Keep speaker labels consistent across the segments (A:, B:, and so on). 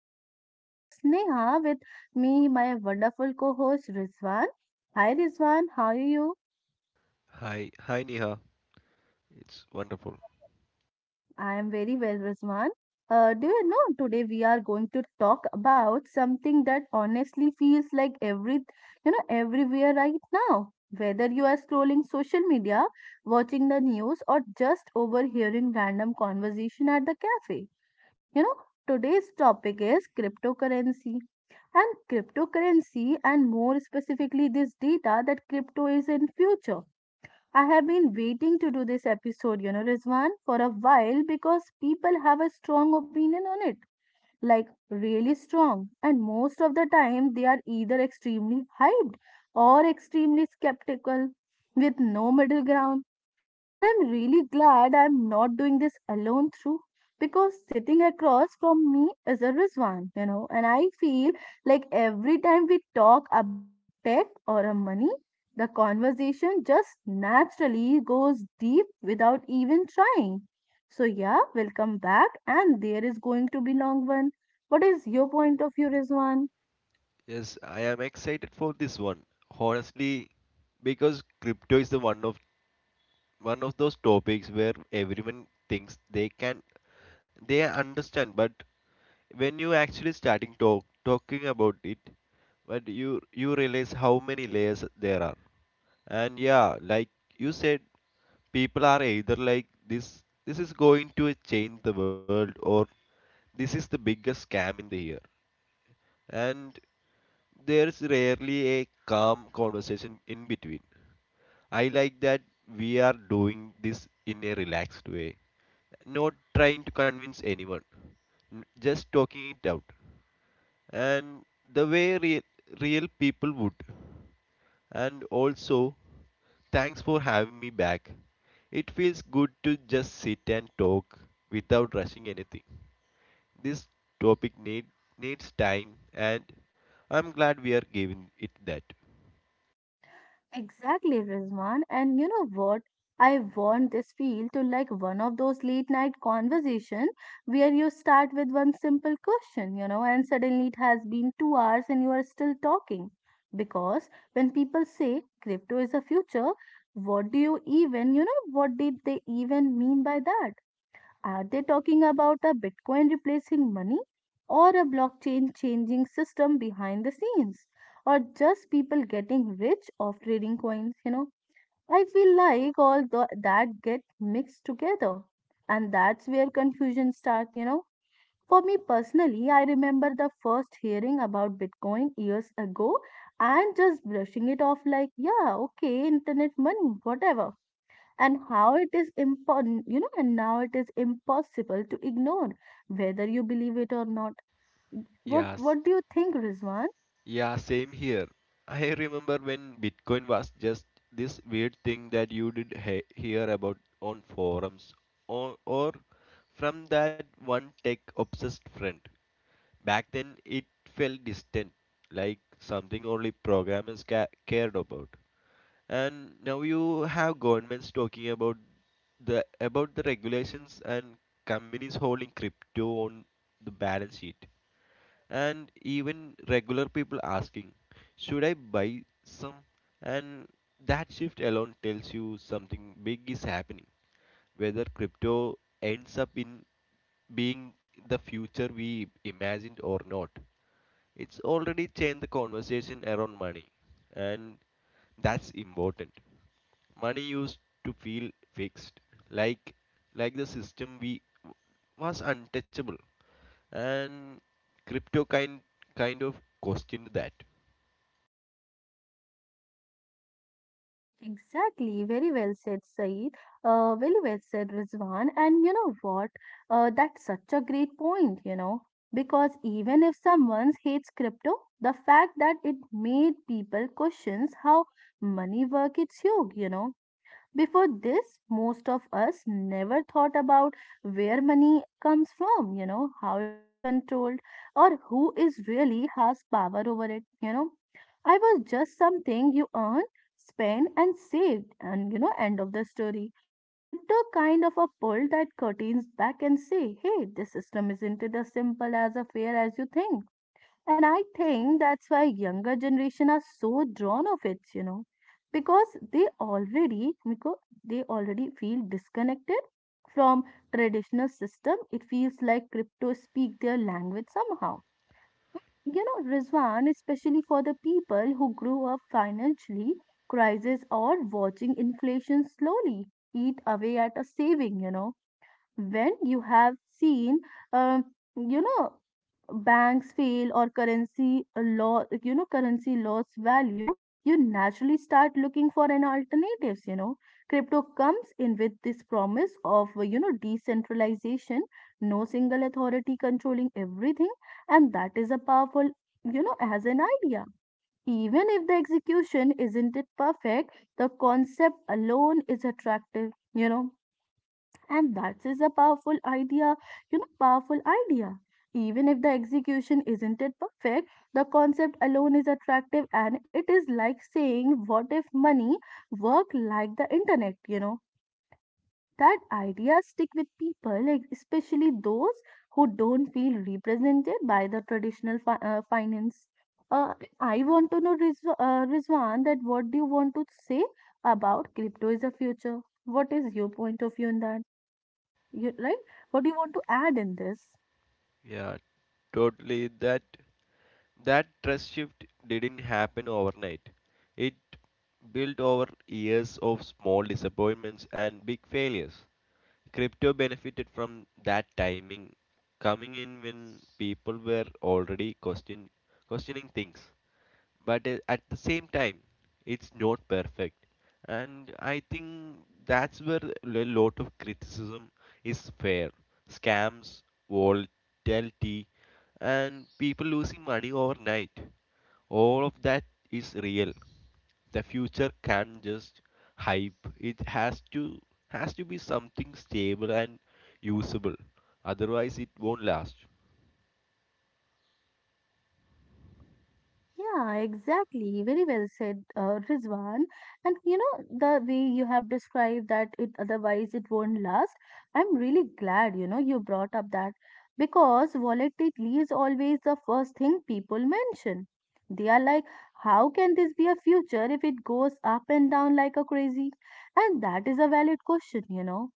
A: This is your host Neha with me, my wonderful co-host Rizwan. Hi Rizwan, how are you?
B: Hi, hi Neha. It's wonderful.
A: I am very well, Rizwan. Do you know today we are going to talk about something that honestly feels like everywhere right now. Whether you are scrolling social media, watching the news, or just overhearing random conversation at the cafe. You know, Today's topic is cryptocurrency, and more specifically this data that crypto is in future. I have been waiting to do this episode, Rizwan, for a while because people have a strong opinion on it. Like really strong. And most of the time they are either extremely hyped or extremely skeptical with no middle ground. And I'm really glad I'm not doing this alone through, because sitting across from me is a Rizwan, and I feel like every time we talk about tech or a money, the conversation just naturally goes deep without even trying. So yeah, we'll come back and there is going to be long one. What is your point of view, Rizwan?
B: Yes, I am excited for this one. Honestly, because crypto is the one of those topics where everyone thinks they understand, but when you actually starting talk talking about it, but you realize how many layers there are. And yeah, like you said, people are either like this is going to change the world or this is the biggest scam in the year and there's rarely a calm conversation in between. I like that we are doing this in a relaxed way, not trying to convince anyone, just talking it out, and the way real people would. And also, thanks for having me back. It feels good to just sit and talk without rushing anything. This topic needs time and I'm glad we are giving it that.
A: Exactly, Rizwan. And you know what? I want this feel to like one of those late night conversations where you start with one simple question, and suddenly it has been 2 hours and you are still talking. Because when people say crypto is the future, what do you even, you know, what did they even mean by that? Are they talking about a Bitcoin replacing money, or a blockchain changing system behind the scenes, or just people getting rich off trading coins? I feel like all the that get mixed together, and that's where confusion starts. For me personally, I remember the first hearing about Bitcoin years ago and just brushing it off like, yeah, okay, internet money, whatever, and how it is important, and now it is impossible to ignore, whether you believe it or not. what
B: Yes,
A: what do you think, rizwan?
B: yeah, same here. I remember when Bitcoin was just this weird thing that you hear about on forums or from that one tech obsessed friend. Back then, it felt distant, like something only programmers cared about. And now you have governments talking about the regulations and companies holding crypto on the balance sheet, and even regular people asking, should I buy some? And that shift alone tells you something big is happening. Whether crypto ends up in being the future we imagined or not, it's already changed the conversation around money, and that's important. Money used to feel fixed, like the system we was untouchable, and crypto kind of questioned that.
A: Exactly, very well said, saeed. Very well said, rizwan. And you know what? That's such a great point, because even if someone hates crypto, the fact that it made people questions how money work, it's huge, Before this, most of us never thought about where money comes from, how it is controlled, or who is really has power over it, I was just something you earn, spend, and saved, and end of the story. Crypto kind of a pull that curtains back and say, hey, this system isn't it as simple as a fair as you think, and I think that's why younger generation are so drawn of it, because they already feel disconnected from traditional system. It feels like crypto speak their language somehow. You know, Rizwan, especially for the people who grew up financially crisis or watching inflation slowly eat away at a saving, when you have seen um, you know banks fail or currency law, currency loss value. You naturally start looking for an alternatives, crypto comes in with this promise of, decentralization, no single authority controlling everything. And that is a powerful, as an idea. Even if the execution isn't it perfect, the concept alone is attractive, and that is a powerful idea, powerful idea. Even if the execution isn't it perfect, the concept alone is attractive, and it is like saying, what if money worked like the internet? That ideas stick with people, like especially those who don't feel represented by the traditional finance. uh, I want to know, rizwan, that what do you want to say about crypto is a future? What is your point of view in that? You, right? What do you want to add in this?
B: Yeah, totally. That trust shift didn't happen overnight. It built over years of small disappointments and big failures. Crypto benefited from that timing, coming in when people were already questioning things, but at the same time it's not perfect, and I think that's where a lot of criticism is fair. Scams, volatility, and people losing money overnight, all of that is real. The future can't just hype, it has to be something stable and usable, otherwise it won't last.
A: Yeah, exactly. Very well said, Rizwan. And you know, the way you have described that it otherwise it won't last, I'm really glad, you brought up that, because volatility is always the first thing people mention. They are like, how can this be a future if it goes up and down like a crazy? And that is a valid question, you know.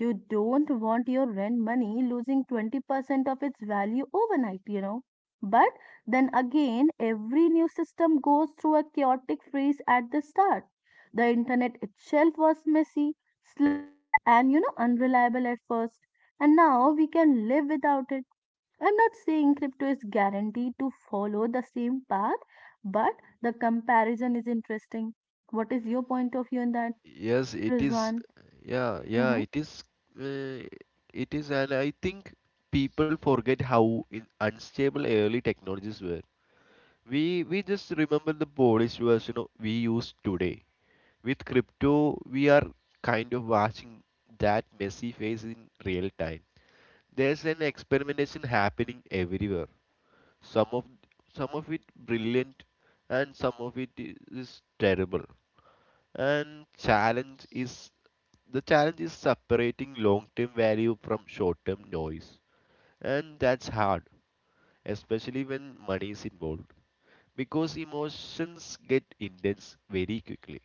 A: You don't want your rent money losing 20% of its value overnight. But then again, every new system goes through a chaotic phase at the start. The internet itself was messy, slow, and unreliable at first. And now we can live without it. I'm not saying crypto is guaranteed to follow the same path, but the comparison is interesting. What is your point of view on that,
B: Yes, it is.
A: Rizwan?
B: Yeah, yeah,
A: Mm-hmm.
B: it is. Uh, it is, and I think people forget how in unstable early technologies were. We just remember the Polish version we use today. With crypto, we are kind of watching that messy phase in real time. There's an experimentation happening everywhere. Some of some of it brilliant, and some of it is terrible. And challenge is the challenge is separating long term value from short term noise. And that's hard, especially when money is involved, because emotions get intense very quickly.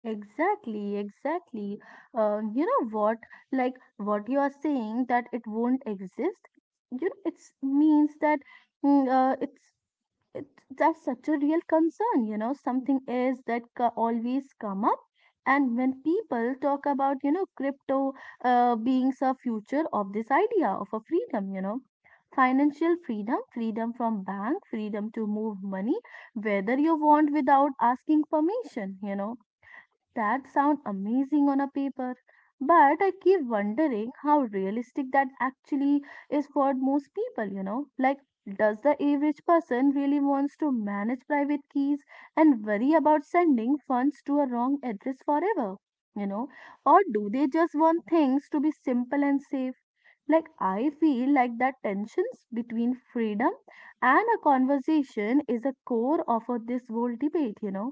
A: Exactly, exactly. You know what? Like what you are saying that it won't exist. It's means mm, uh, it's it, that's such a real concern. Something is that always come up, and when people talk about, crypto being a future of this idea of a freedom, financial freedom, freedom from bank, freedom to move money whether you want without asking permission. That sounds amazing on a paper, but I keep wondering how realistic that actually is for most people? Like, does the average person really wants to manage private keys and worry about sending funds to a wrong address forever? You know, or do they just want things to be simple and safe? Like, I feel like that tensions between freedom and a conversation is a core of this whole debate?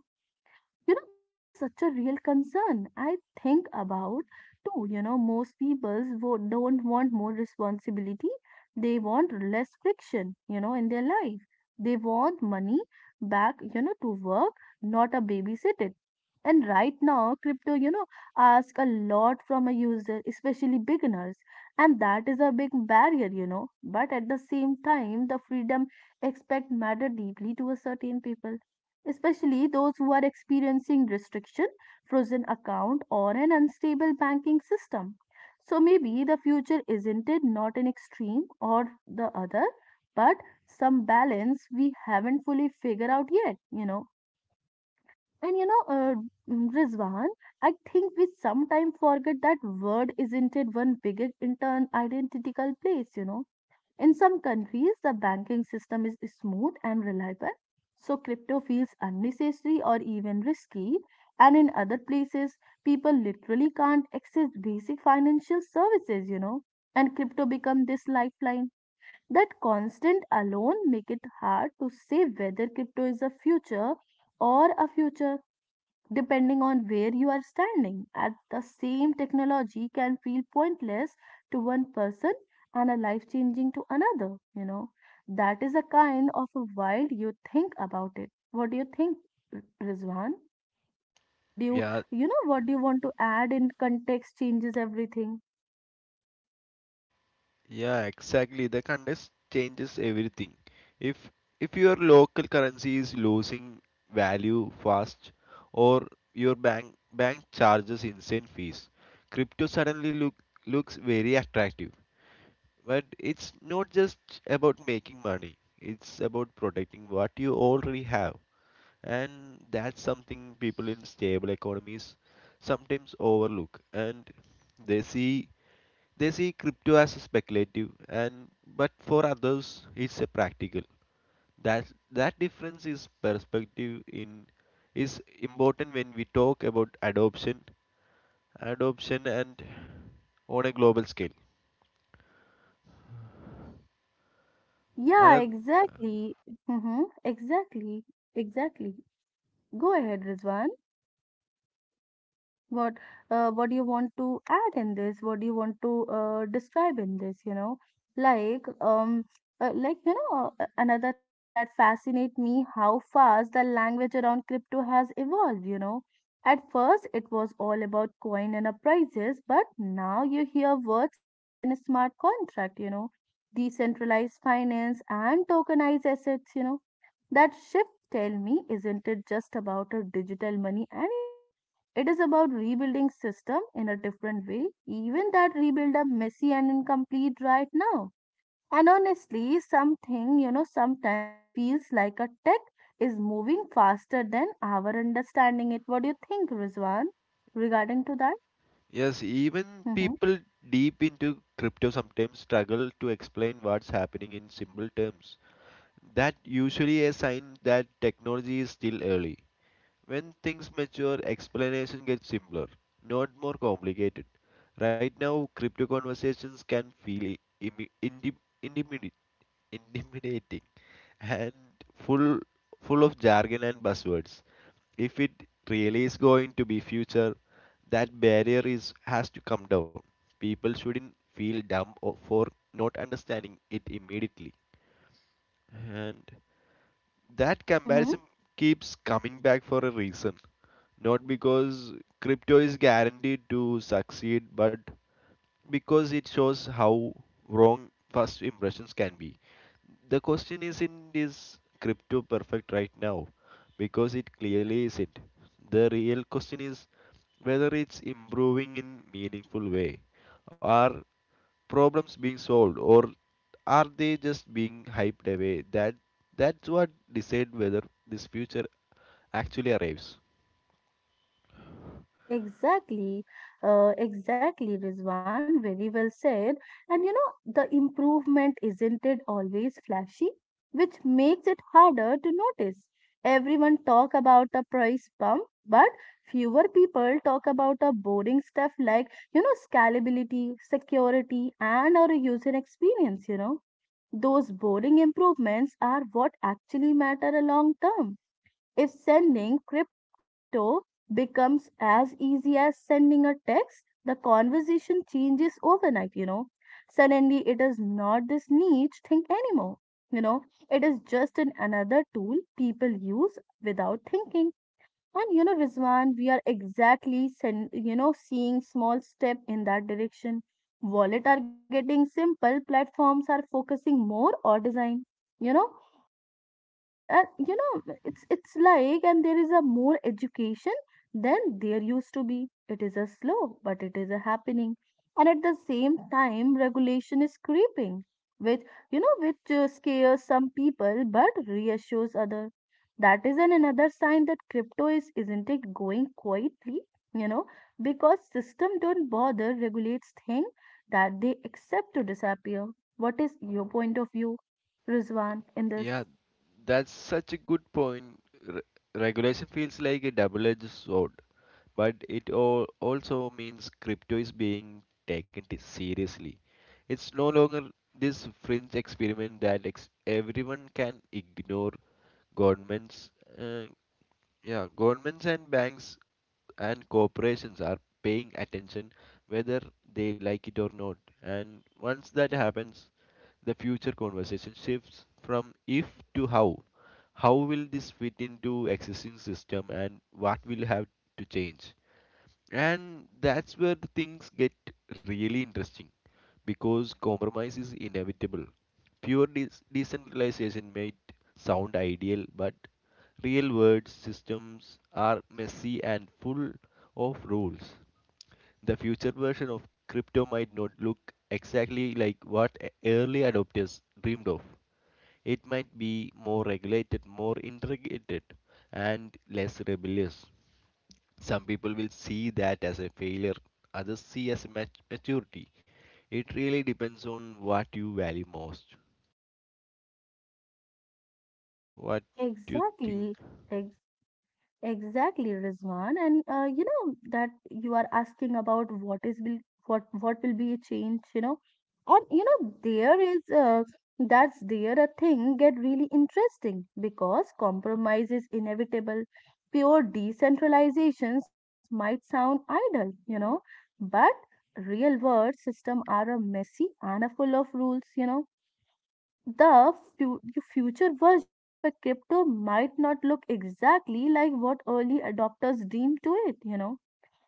A: That is such a real concern I think about too, most people don't want more responsibility. They want less friction, in their life. They want money back, to work, not a babysitter. And right now crypto, ask a lot from a user, especially beginners. And that is a big barrier, but at the same time the freedom expect matter deeply to a certain people, especially those who are experiencing restriction, frozen account, or an unstable banking system. So maybe the future isn't it not an extreme or the other, but some balance we haven't fully figured out yet. And Rizwan, I think we sometimes forget that word isn't it one big intern identical place. In some countries, the banking system is smooth and reliable, so crypto feels unnecessary or even risky. And in other places, people literally can't access basic financial services. And crypto become this lifeline. That constant alone make it hard to say whether crypto is a future or a future depending on where you are standing. At the same technology can feel pointless to one person and a life changing to another. That is a kind of a wild you think about it. What do you think, Rizwan? What do you
B: Yeah,
A: what do you want to add in context changes everything?
B: yeah, exactly. The context changes everything. If if your local currency is losing value fast or your bank charges insane fees, crypto suddenly looks very attractive. But it's not just about making money, it's about protecting what you already have. And that's something people in stable economies sometimes overlook. And they see they see crypto as speculative and but for others it's a practical. That that difference is perspective in is important when we talk about adoption and on a global scale.
A: Yeah,
B: Another
A: exactly. Mm-hmm, exactly. Exactly. Go ahead, Rizwan. what what do you want to add in this? What do you want to describe in this? Like, like, another thing that fascinate me, how fast the language around crypto has evolved. At first it was all about coin and prices, but now you hear words like an smart contract, decentralized finance and tokenized assets. That shift, tell me, isn't it just about a digital money anymore? It is about rebuilding system in a different way, even that rebuild are messy and incomplete right now. And honestly, something, sometimes it feels like a tech is moving faster than our understanding it. What do you think, Rizwan,
B: yeah,
A: regarding to that?
B: yes, even
A: Mm-hmm.
B: people deep into crypto sometimes struggle to explain what's happening in simple terms. That usually a sign that technology is still early. When things mature, explanation gets simpler, not more complicated. Right now, crypto conversations can feel imi- intim- intimidi- intimidating and full full of jargon and buzzwords. If it really is going to be future, that barrier is has to come down. People shouldn't feel dumb or for not understanding it immediately, and that
A: Mm-hmm.
B: comparison keeps coming back for a reason. Not because crypto is guaranteed to succeed, but because it shows how wrong first impressions can be. The question isn't is crypto perfect right now, because it clearly isn't. The real question is whether it's improving in meaningful way. Are problems being solved, or are they just being hyped away? That's what decide whether this future actually arrives.
A: Exactly, exactly, Rizwan. Very well said. And the improvement isn't it always flashy, which makes it harder to notice. Everyone talk about the price bump, but fewer people talk about the boring stuff like, scalability, security, and our user experience. Those boring improvements are what actually matter a long term. If sending crypto becomes as easy as sending a text, the conversation changes overnight. Suddenly, it is not this niche thing anymore. You know, it is just an another tool people use without thinking. And Rizwan, we are exactly, seeing small step in that direction. Wallet are getting simple, platforms are focusing more on design. You know, it's like and there is a more education than there used to be. It is a slow but it is a happening. And at the same time regulation is creeping, which scares some people but reassures other. That is an another sign that crypto is isn't it going quietly, you know because system don't bother regulates thing that they accept to disappear. What is your point of view, Rizwan, in this?
B: Yeah, that's such a good point. Re- Regulation feels like a double-edged sword, but it all also means crypto is being taken seriously. It's no longer this fringe experiment that everyone can ignore. Governments, uh, yeah, governments and banks and corporations are paying attention, whether they like it or not. And once that happens, the future conversation shifts from if to how. How will this fit into existing system, and what will have to change? And that's where the things get really interesting, because compromise is inevitable. Pure decentralization might sound ideal, but real world systems are messy and full of rules. The future version of crypto might not look exactly like what early adopters dreamed of. It might be more regulated, more integrated, and less rebellious. Some people will see that as a failure, others see as maturity. It really depends on what you value most. What do you think?
A: Exactly, ex- exactly, Rizwan. And you know that you are asking about what is will what will be a change, you know, and you know there is that's there a thing get really interesting because compromise is inevitable. Pure decentralizations might sound idle, you know, but real world system are a messy and a full of rules, you know. the fu- Future version of a crypto might not look exactly like what early adopters dreamed to it, you know.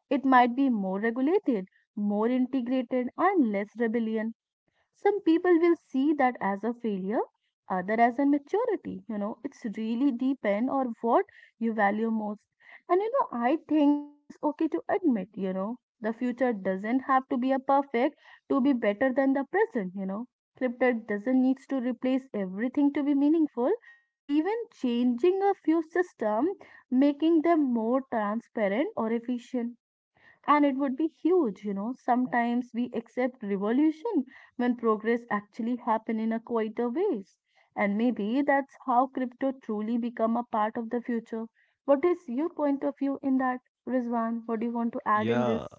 A: It might be more regulated, more integrated and less rebellion. Some people will see that as a failure, other as a maturity, you know. It's really depend on what you value most. And you know I think that is okay to admit, you know, the future doesn't have to be a perfect to be better than the present, you know. Scripted doesn't needs to replace everything to be meaningful. Even changing a few system, making them more transparent or efficient, and it would be huge, you know. Sometimes we accept revolution when progress actually happen in a quieter ways. And maybe that's how crypto truly become a part of the future. What is your point of view in that, Rizwan? What do you want to add in
B: Yeah,
A: this?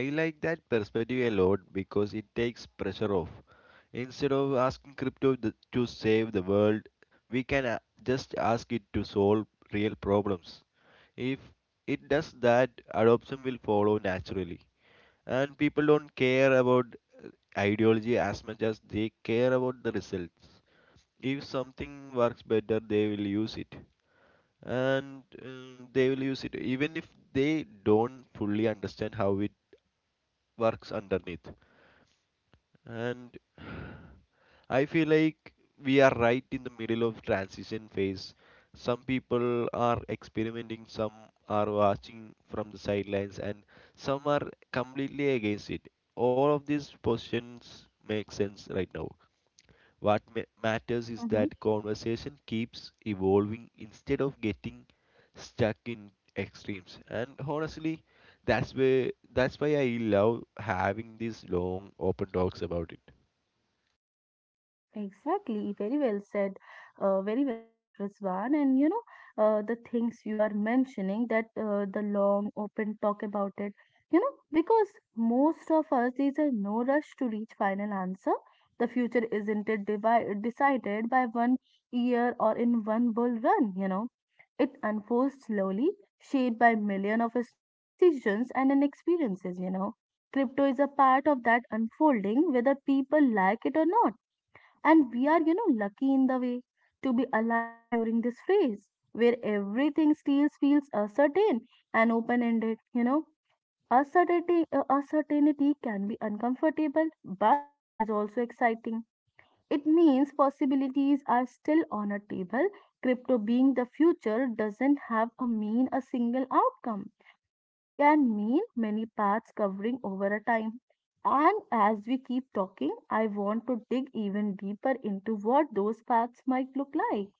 B: I like that perspective a lot, because it takes pressure off. Instead of asking crypto to save the world, we can just ask it to solve real problems. If it does that, adoption will follow naturally, and people don't care about uh, ideology as much as they care about the results. If something works better, they will use it, and they will use it even if they don't fully understand how it works underneath. And I feel like we are right in the middle of transition phase. Some people are experimenting, some are watching from the sidelines, and some are completely against it. All of these positions make sense right now. What matters is
A: Mm-hmm.
B: that conversation keeps evolving instead of getting stuck in extremes. And honestly, that's where that's why I love having these long open talks about it.
A: Exactly, very well said, Rizwan. And you know, the things you are mentioning that the long open talk about it, you know, because most of us is a no rush to reach final answer. The future isn't it decided by one year or in one bull run, you know. It unfolds slowly, shaped by million of small decisions and an experiences, you know. Crypto is a part of that unfolding, whether people like it or not. And we are, you know, lucky in the way to be alive during this phase where everything still feels uncertain and open ended, you know. Uncertainty, uncertainty can be uncomfortable, but it is also exciting. It means possibilities are still on a table. Crypto being the future doesn't have a mean a single outcome. It can mean many paths covering over a time. And as we keep talking, I want to dig even deeper into what those paths might look like,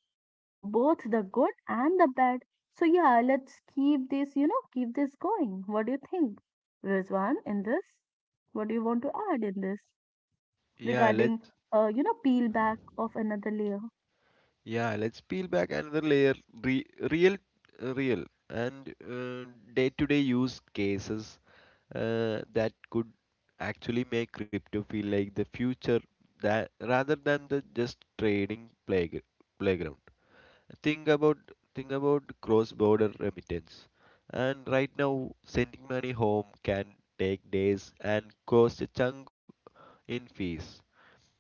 A: both the good and the bad. So yeah, let's keep this, you know, keep this going. What do you think, Rizwan, in this? What do you want to add in this
B: Yeah,
A: regarding,
B: let's
A: you know, peel back of another layer?
B: yeah, let's peel back another layer. Re- real, Real, and day-to-day use cases that could actually make crypto feel like the future, that rather than the just trading playground. Think about think about cross-border remittance, and right now sending money home can take days and cost a chunk in fees.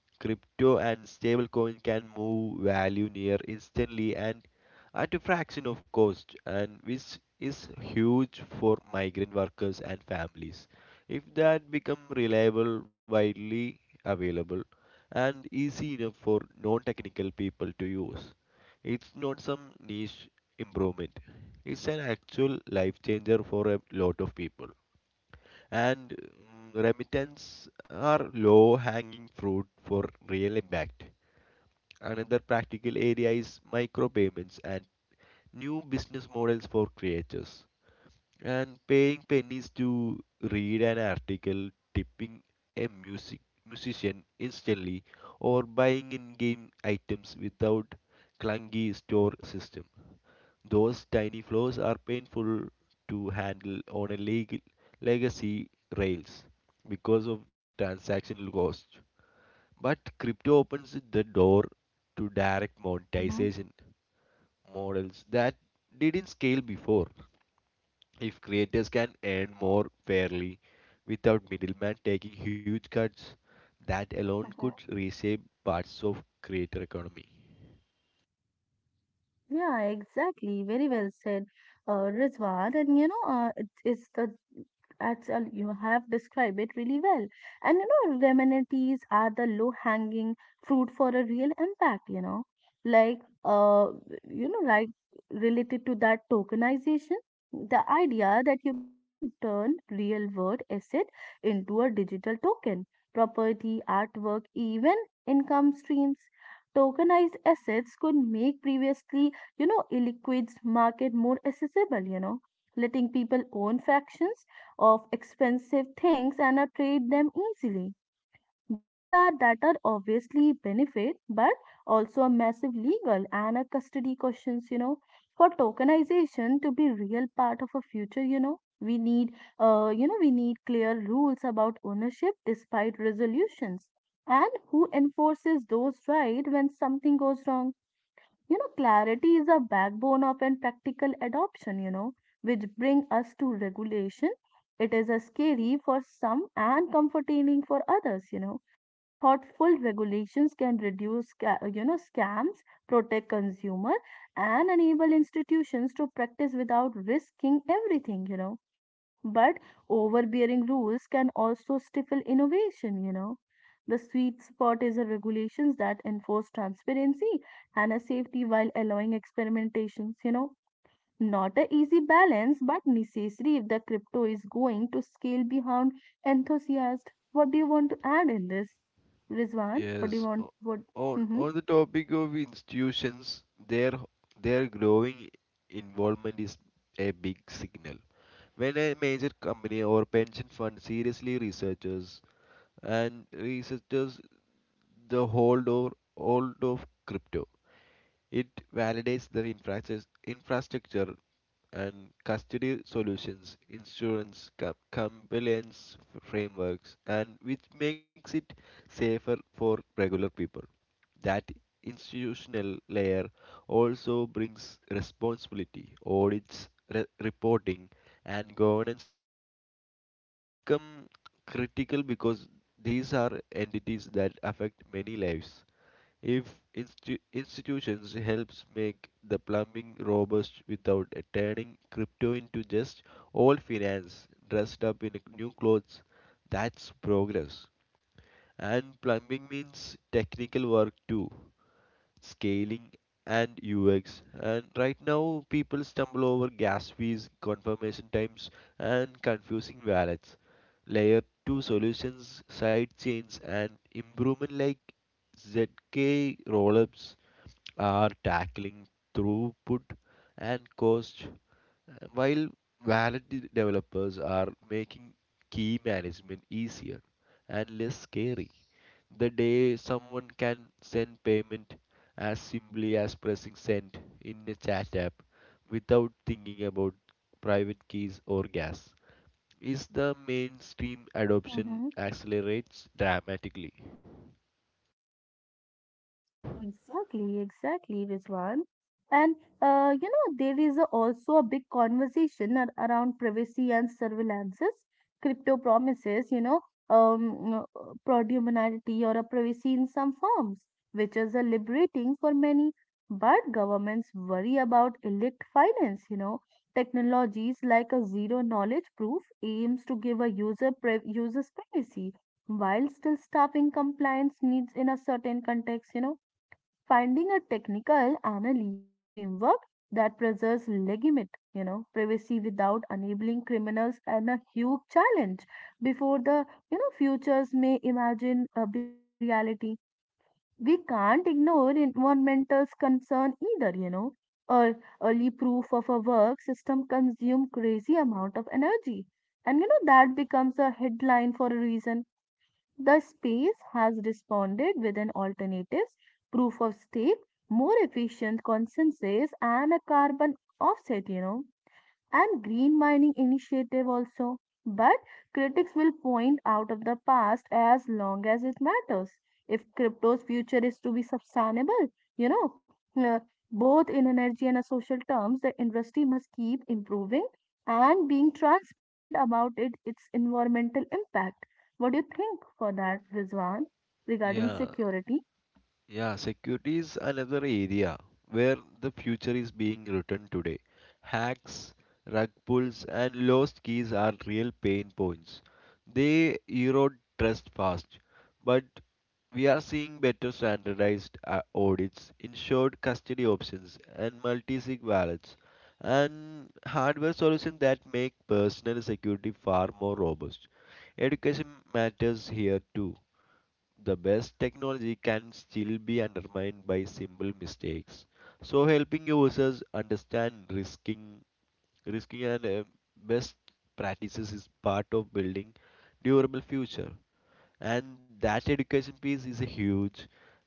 B: Crypto and stablecoin can move value near instantly and at a fraction of cost, and which is huge for migrant workers and families. If that become reliable, widely available, and easy enough for non-technical people to use, it's not some niche improvement. It's an actual life changer for a lot of people, and remittance are low hanging fruit for real impact. Another practical area is micropayments and new business models for creators, and paying pennies to read an article, tipping a musician instantly, or buying in-game items without clunky store system. Those tiny flaws are painful to handle on a legacy rails because of transactional cost. But crypto opens the door to direct
A: Mm-hmm.
B: monetization models that didn't scale before. If creators can earn more fairly without middlemen taking huge cuts, that alone could reshape parts of creator economy.
A: Yeah, exactly. Very well said, Rizwan. And you know, it's the actual you have described it really well. And you know, remedies are the low-hanging fruit for a real impact. You know, like uh, like related to that tokenization, the idea that you can turn real-world asset into a digital token, property, artwork, even income streams tokenized assets could make previously, you know, illiquids market more accessible, you know, letting people own fractions of expensive things and trade them easily. They are that are obviously benefit, but also a massive legal and a custody questions, you know. For tokenization to be real part of a future, you know, we need clear rules about ownership despite resolutions. And who enforces those right when something goes wrong? You know, clarity is a backbone of an practical adoption, you know, which bring us to regulation. It is a scary for some and comforting for others, you know. Thoughtful regulations can reduce, you know, scams, protect consumer, and enable institutions to practice without risking everything, you know. But overbearing rules can also stifle innovation, you know. The sweet spot is a regulations that enforce transparency and a safety while allowing experimentations, you know. Not a easy balance, but necessary if the crypto is going to scale beyond enthusiasts. What do you want to add in this? Rizwan, what do you
B: Yes,
A: want? What? Mm-hmm.
B: on the topic of institutions, their their growing involvement is a big signal. When a major company or pension fund seriously researches the hold of crypto, it validates the infrastructure and custody solutions, insurance, compliance frameworks, and which makes it safer for regular people. That institutional layer also brings responsibility, audits, reporting, and governance structures become critical, because these are entities that affect many lives. If institutions helps make the plumbing robust without turning crypto into just old finance dressed up in new clothes, that's progress. And plumbing means technical work too, scaling and UX. And right now, people stumble over gas fees, confirmation times, and confusing wallets. Layer 2 solutions, side chains, and improvement like ZK rollups are tackling throughput and cost, while valid developers are making key management easier and less scary. The day someone can send payment as simply as pressing send in a chat app without thinking about private keys or gas is the mainstream adoption
A: Mm-hmm.
B: accelerates dramatically.
A: Exactly, exactly, Rizwan. And you know, there is also a big conversation around privacy and surveillances, crypto promises, um, uh, predominancy or a privacy in some forms, which is a liberating for many. But governments worry about illicit finance, you know. Technologies like a zero knowledge proof aims to give a user's privacy, while still staffing compliance needs in a certain context, you know. Finding a technical and a legal framework that preserves legitimate, you know, privacy without enabling criminals and a huge challenge before the, you know, futures may imagine before a reality. We can't ignore environmental concern either, you know. Or early proof of a work system consume crazy amount of energy. And you know that becomes a headline for a reason. The space has responded with an alternatives, proof of stake, more efficient consensus, and a carbon offset, you know, and green mining initiative also. But critics will point out of the past as long as it matters. If crypto's future is to be sustainable, you know, uh, both in energy and a social terms, the industry must keep improving and being transparent about it, its environmental impact. What do you think for that, Rizwan, regarding
B: Yeah,
A: security?
B: yeah, security is another area where the future is being written today. Hacks, rug pulls, and lost keys are real pain points. They erode trust fast, but we are seeing better standardized audits, insured custody options, and multi-sig wallets, and hardware solutions that make personal security far more robust. Education matters here too, the best technology can still be undermined by simple mistakes. So helping users understand risking and best practices is part of building durable future. And that education piece is a huge.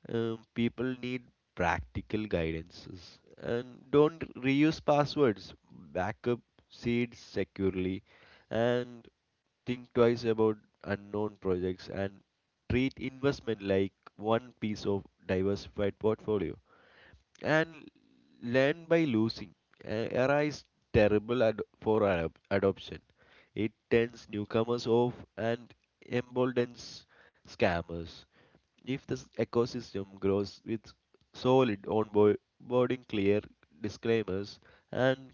B: People need practical guidances, and don't reuse passwords. Backup seeds securely, and think twice about unknown projects, and treat investment like one piece of diversified portfolio, and learn by losing. Era is terrible for adoption. It turns newcomers off and emboldens scammers. If this ecosystem grows with solid onboarding, clear disclaimers, and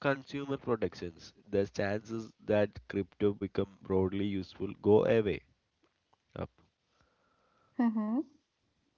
B: consumer protections, the chances that crypto become broadly useful go away up.
A: Mm-hmm.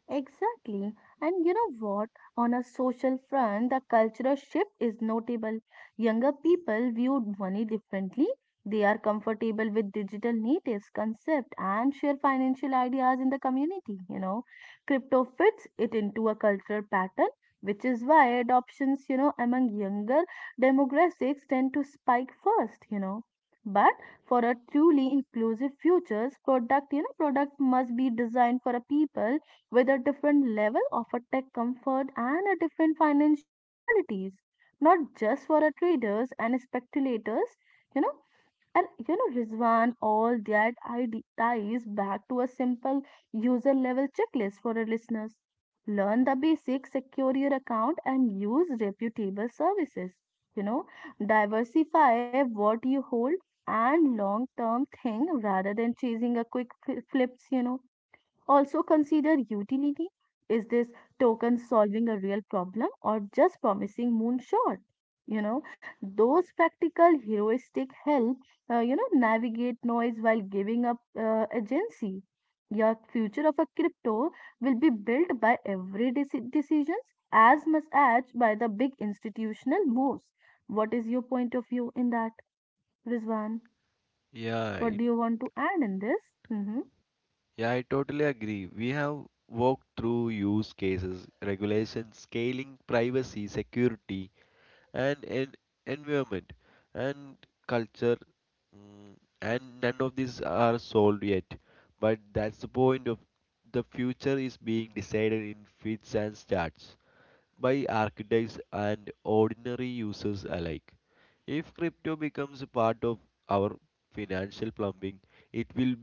A: Exactly. And you know what? On a social front, the cultural shift is notable. Younger people view money differently. They are comfortable with digital natives concept and share financial ideas in the community, you know. Crypto fits it into a cultural pattern, which is why adoptions, you know, among younger demographics tend to spike first, you know. But for a truly inclusive futures, product, you know, product must be designed for a people with a different level of a tech comfort and a different financial realities, not just for a traders and speculators, you know. And you know, Rizwan, all that ties back to a simple user level checklist for our listeners. Learn the basics, secure your account, and use reputable services. You know, diversify what you hold and long term thing rather than chasing a quick flips, you know. Also consider utility. Is this token solving a real problem or just promising moonshot? You know, those practical heuristic help, you know, navigate noise while giving up agency. Your future of a crypto will be built by every decisions as much as by the big institutional moves. What is your point of view in that, Rizwan?
B: Yeah,
A: What
B: it,
A: do you want to add in this? Mm-hmm.
B: yeah, I totally agree. We have walked through use cases, regulation, scaling, privacy, security, and environment and culture, mm, and none of these are solved yet. But that's the point of the future is being decided in fits and starts. By architects and ordinary users alike. If crypto becomes a part of our financial plumbing, it will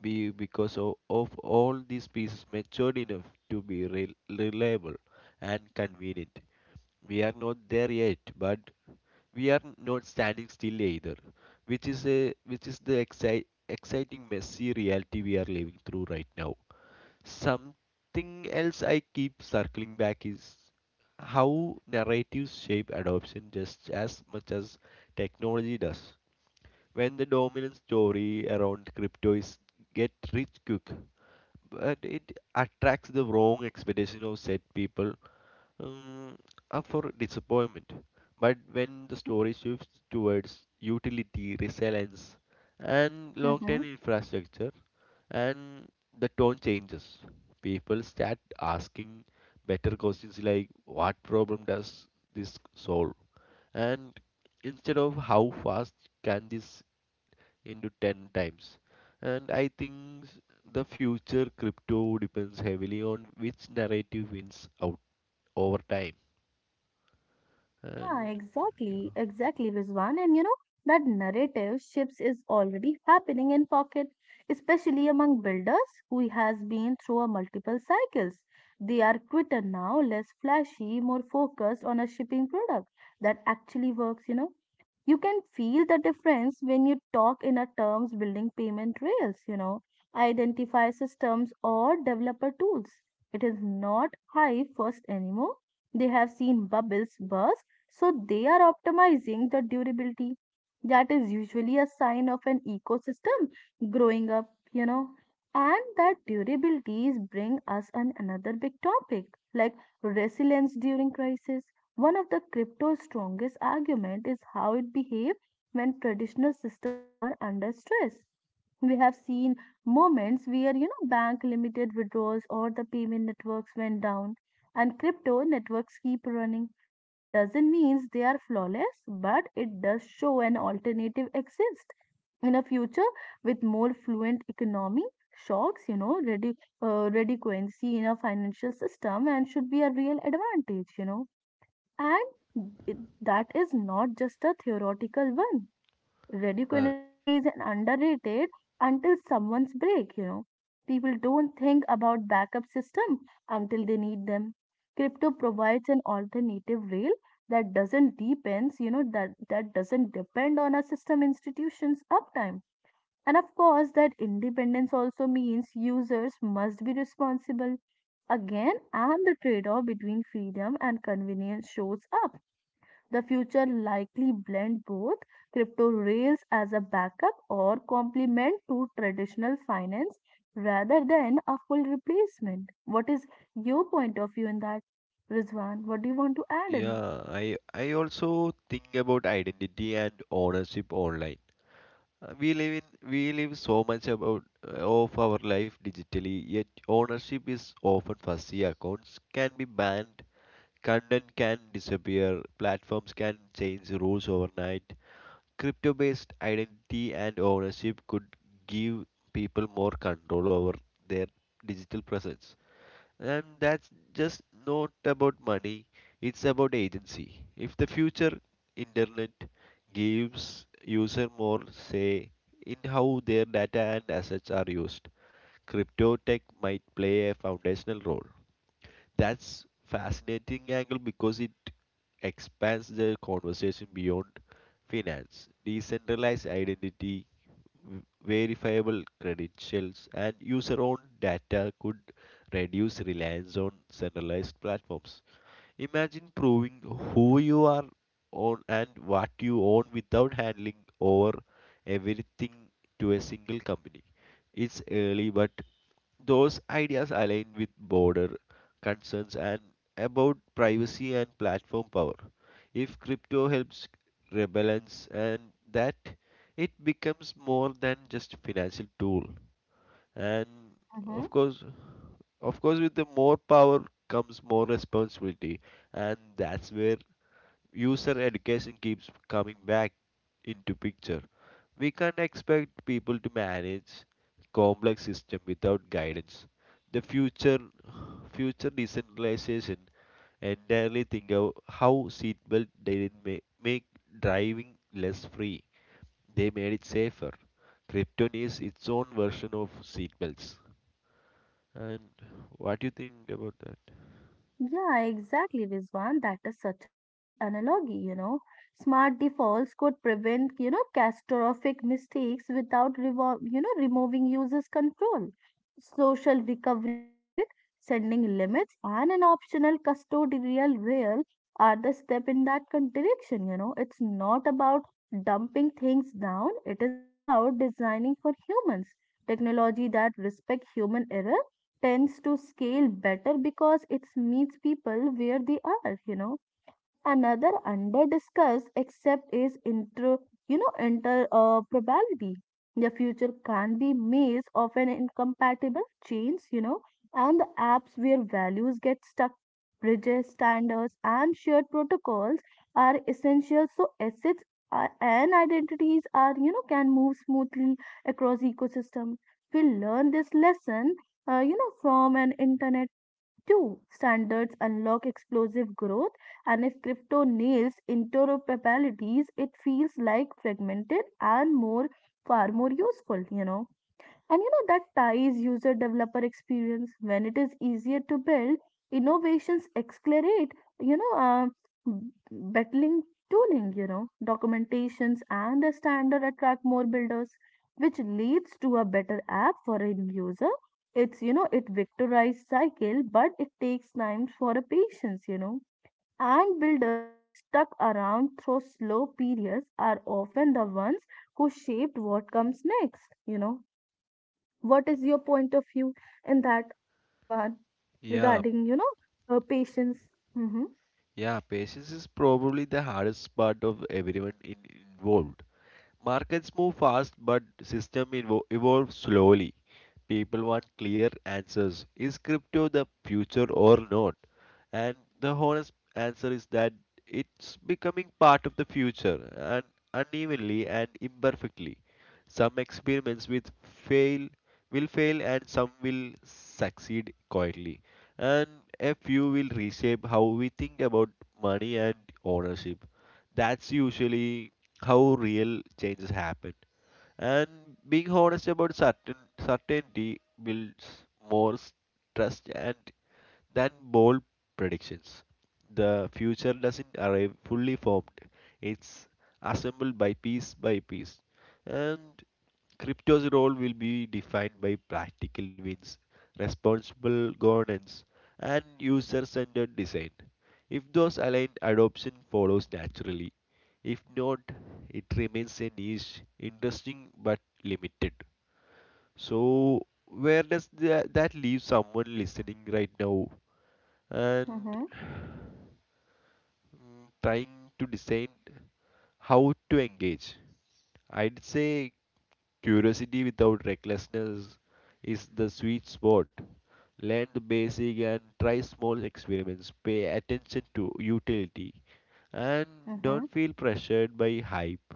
B: be because of all these pieces matured enough to be reliable and convenient. We are not there yet, but we are not standing still either, which is the exciting messy reality we are living through right now. Something else I keep circling back is how narratives shape adoption just as much as technology does. When the dominant story around crypto is get rich quick, but it attracts the wrong expectation of set people um, up for disappointment. But when the story shifts towards utility, resilience, and long
A: Mm-hmm.
B: term infrastructure, and the tone changes. People start asking better questions like what problem does this solve? And instead of how fast can this into 10 times? And I think, the future crypto depends heavily on which narrative wins out over time.
A: Yeah,
B: And
A: exactly,
B: yeah.
A: exactly, Rizwan. And you know, that narrative shifts is already happening in pocket, especially among builders who has been through a multiple cycles. They are quitter now, less flashy, more focused on a shipping product that actually works, you know. You can feel the difference when you talk in a terms building payment rails, you know, identify systems or developer tools. It is not high first anymore. They have seen bubbles burst so they are optimizing the durability. That is usually a sign of an ecosystem growing up, you know. And that durabilities bring us an another big topic like resilience during crisis. One of the crypto's strongest argument is how it behave when traditional systems are under stress. We have seen moments where you know bank limited withdrawals or the payment networks went down and crypto networks keep running. That doesn't mean they are flawless, but it does show an alternative exists in a future with more fluent economy, shocks, you know, redundancy in a financial system, and should be a real advantage, you know. And it, that is not just a theoretical one.
B: Uh,
A: Redundancy is an underrated until someone's break, you know. People don't think about backup system until they need them. Crypto provides an alternative rail that doesn't depends, that doesn't depend on a system institution's uptime. And of course, that independence also means users must be responsible. Again, and the trade-off between freedom and convenience shows up. The future likely blend both crypto rails as a backup or complement to traditional finance rather than a full replacement. What is your point of view in that, Rizwan? What do you want to add in this?
B: yeah, I also think about identity and ownership online. We live so much about of our life digitally, yet ownership is often fuzzy. Accounts can be banned, content can disappear, platforms can change rules overnight. Crypto-based identity and ownership could give people more control over their digital presence. And that's just not about money, it's about agency. If the future internet gives user more say in how their data and assets are used, crypto tech might play a foundational role. That's fascinating angle because it expands the conversation beyond finance. Decentralized identity, verifiable credentials, and user-owned data could reduce reliance on centralized platforms. Imagine proving who you are on and what you own without handling over everything to a single company. It's early, but those ideas align with border concerns and about privacy and platform power. If crypto helps rebalance and that, it becomes more than just financial tool. And
A: Mhm.
B: of course, of course, with the more power comes more responsibility, and that's where user education keeps coming back into picture. We can't expect people to manage complex system without guidance. The future decentralization entirely think of how seatbelt didn't make driving less free. They made it safer. Krypton is its own version of seatbelts. And what do you think about that?
A: Yeah, exactly, Rizwan. That is such a great analogy, you know. Smart defaults could prevent, you know, catastrophic mistakes without revol you know, removing users' control. Social recovery wallet, sending limits, and an optional custodial rail are the step in that direction, you know. It's not about dumping things down, it is about designing for humans. Technology that respect human error tends to scale better because it meets people where they are, you know. Another underdiscussed except is intro, you know, inter probability. The future can be maze of an incompatible chains, you know, and the apps where values get stuck, bridges, standards, and shared protocols are essential. So assets are, and identities are, you know, can move smoothly across ecosystem. We learn this lesson, you know, from an internet Two, standards unlock explosive growth, and if crypto nails interoperabilities, it feels like fragmented and more far more useful, you know. And you know that ties user developer experience when it is easier to build, innovations accelerate, you know, uh, battling tooling, you know, documentations and the standard attract more builders, which leads to a better app for a user. It's, you know, it victorized cycle, but it takes time for a patience, you know. And builders who are stuck around through slow periods are often the ones who shaped what comes next, you know. What is your point of view in that, Rizwan,
B: Yeah,
A: regarding, patience? Mm-hmm,
B: yeah, patience is probably the hardest part of everyone involved. Markets move fast, but system evolve slowly. People want clear answers. Is crypto the future or not? And the honest answer is that it's becoming part of the future, and unevenly and imperfectly. Some experiments with fail will fail, and some will succeed quietly. And a few will reshape how we think about money and ownership that's usually how real changes happen. And being honest about certainty builds more trust and than bold predictions. The future doesn't arrive fully formed; it's assembled by piece by piece. And Crypto's role will be defined by practical wins, responsible governance, and user centered design. If those align, adoption follows naturally. If not, it remains a niche, interesting but limited. So, where does that leave someone listening right now and
A: mm-hmm,
B: trying to decide how to engage? I'd say curiosity without recklessness is the sweet spot. Learn the basic and try small experiments. Pay attention to utility and
A: mm-hmm,
B: don't feel pressured by hype.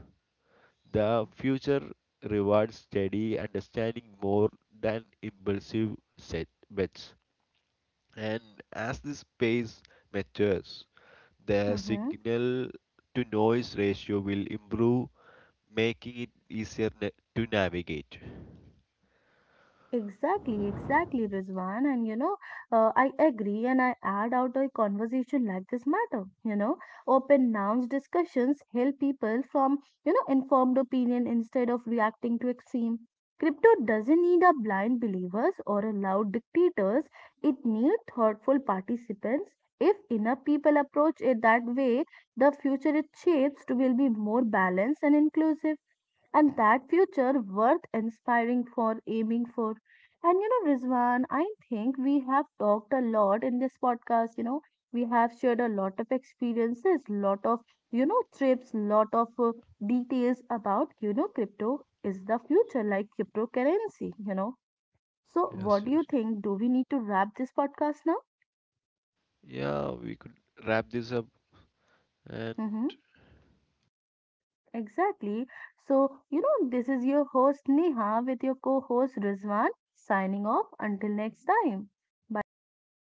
B: The future rewards steady understanding more than impulsive set bets. And as this space matures, the
A: mm-hmm.
B: signal to noise ratio will improve, making it easier to navigate.
A: Exactly, exactly, Rizwan. And you know, I agree and I add out a conversation like this matter. You know, open nouns discussions help people from, you know, informed opinion instead of reacting to extreme. Crypto doesn't need a blind believers or a loud dictators. It needs thoughtful participants. If enough people approach it that way, the future it shapes to will be more balanced and inclusive, and that future worth inspiring for aiming for. And you know, Rizwan, I think we have talked a lot in this podcast, you know. We have shared a lot of experiences, lot of, you know, trips, lot of, details about, you know, crypto is the future like cryptocurrency, you know. So
B: Yes.
A: what do you
B: yes.
A: think, do we need to wrap this podcast now?
B: Yeah, we could wrap this up
A: Mm-hmm.
B: and
A: Exactly. So, you know, this is your host Neha with your co host Rizwan signing off until next time. Bye bye, everyone.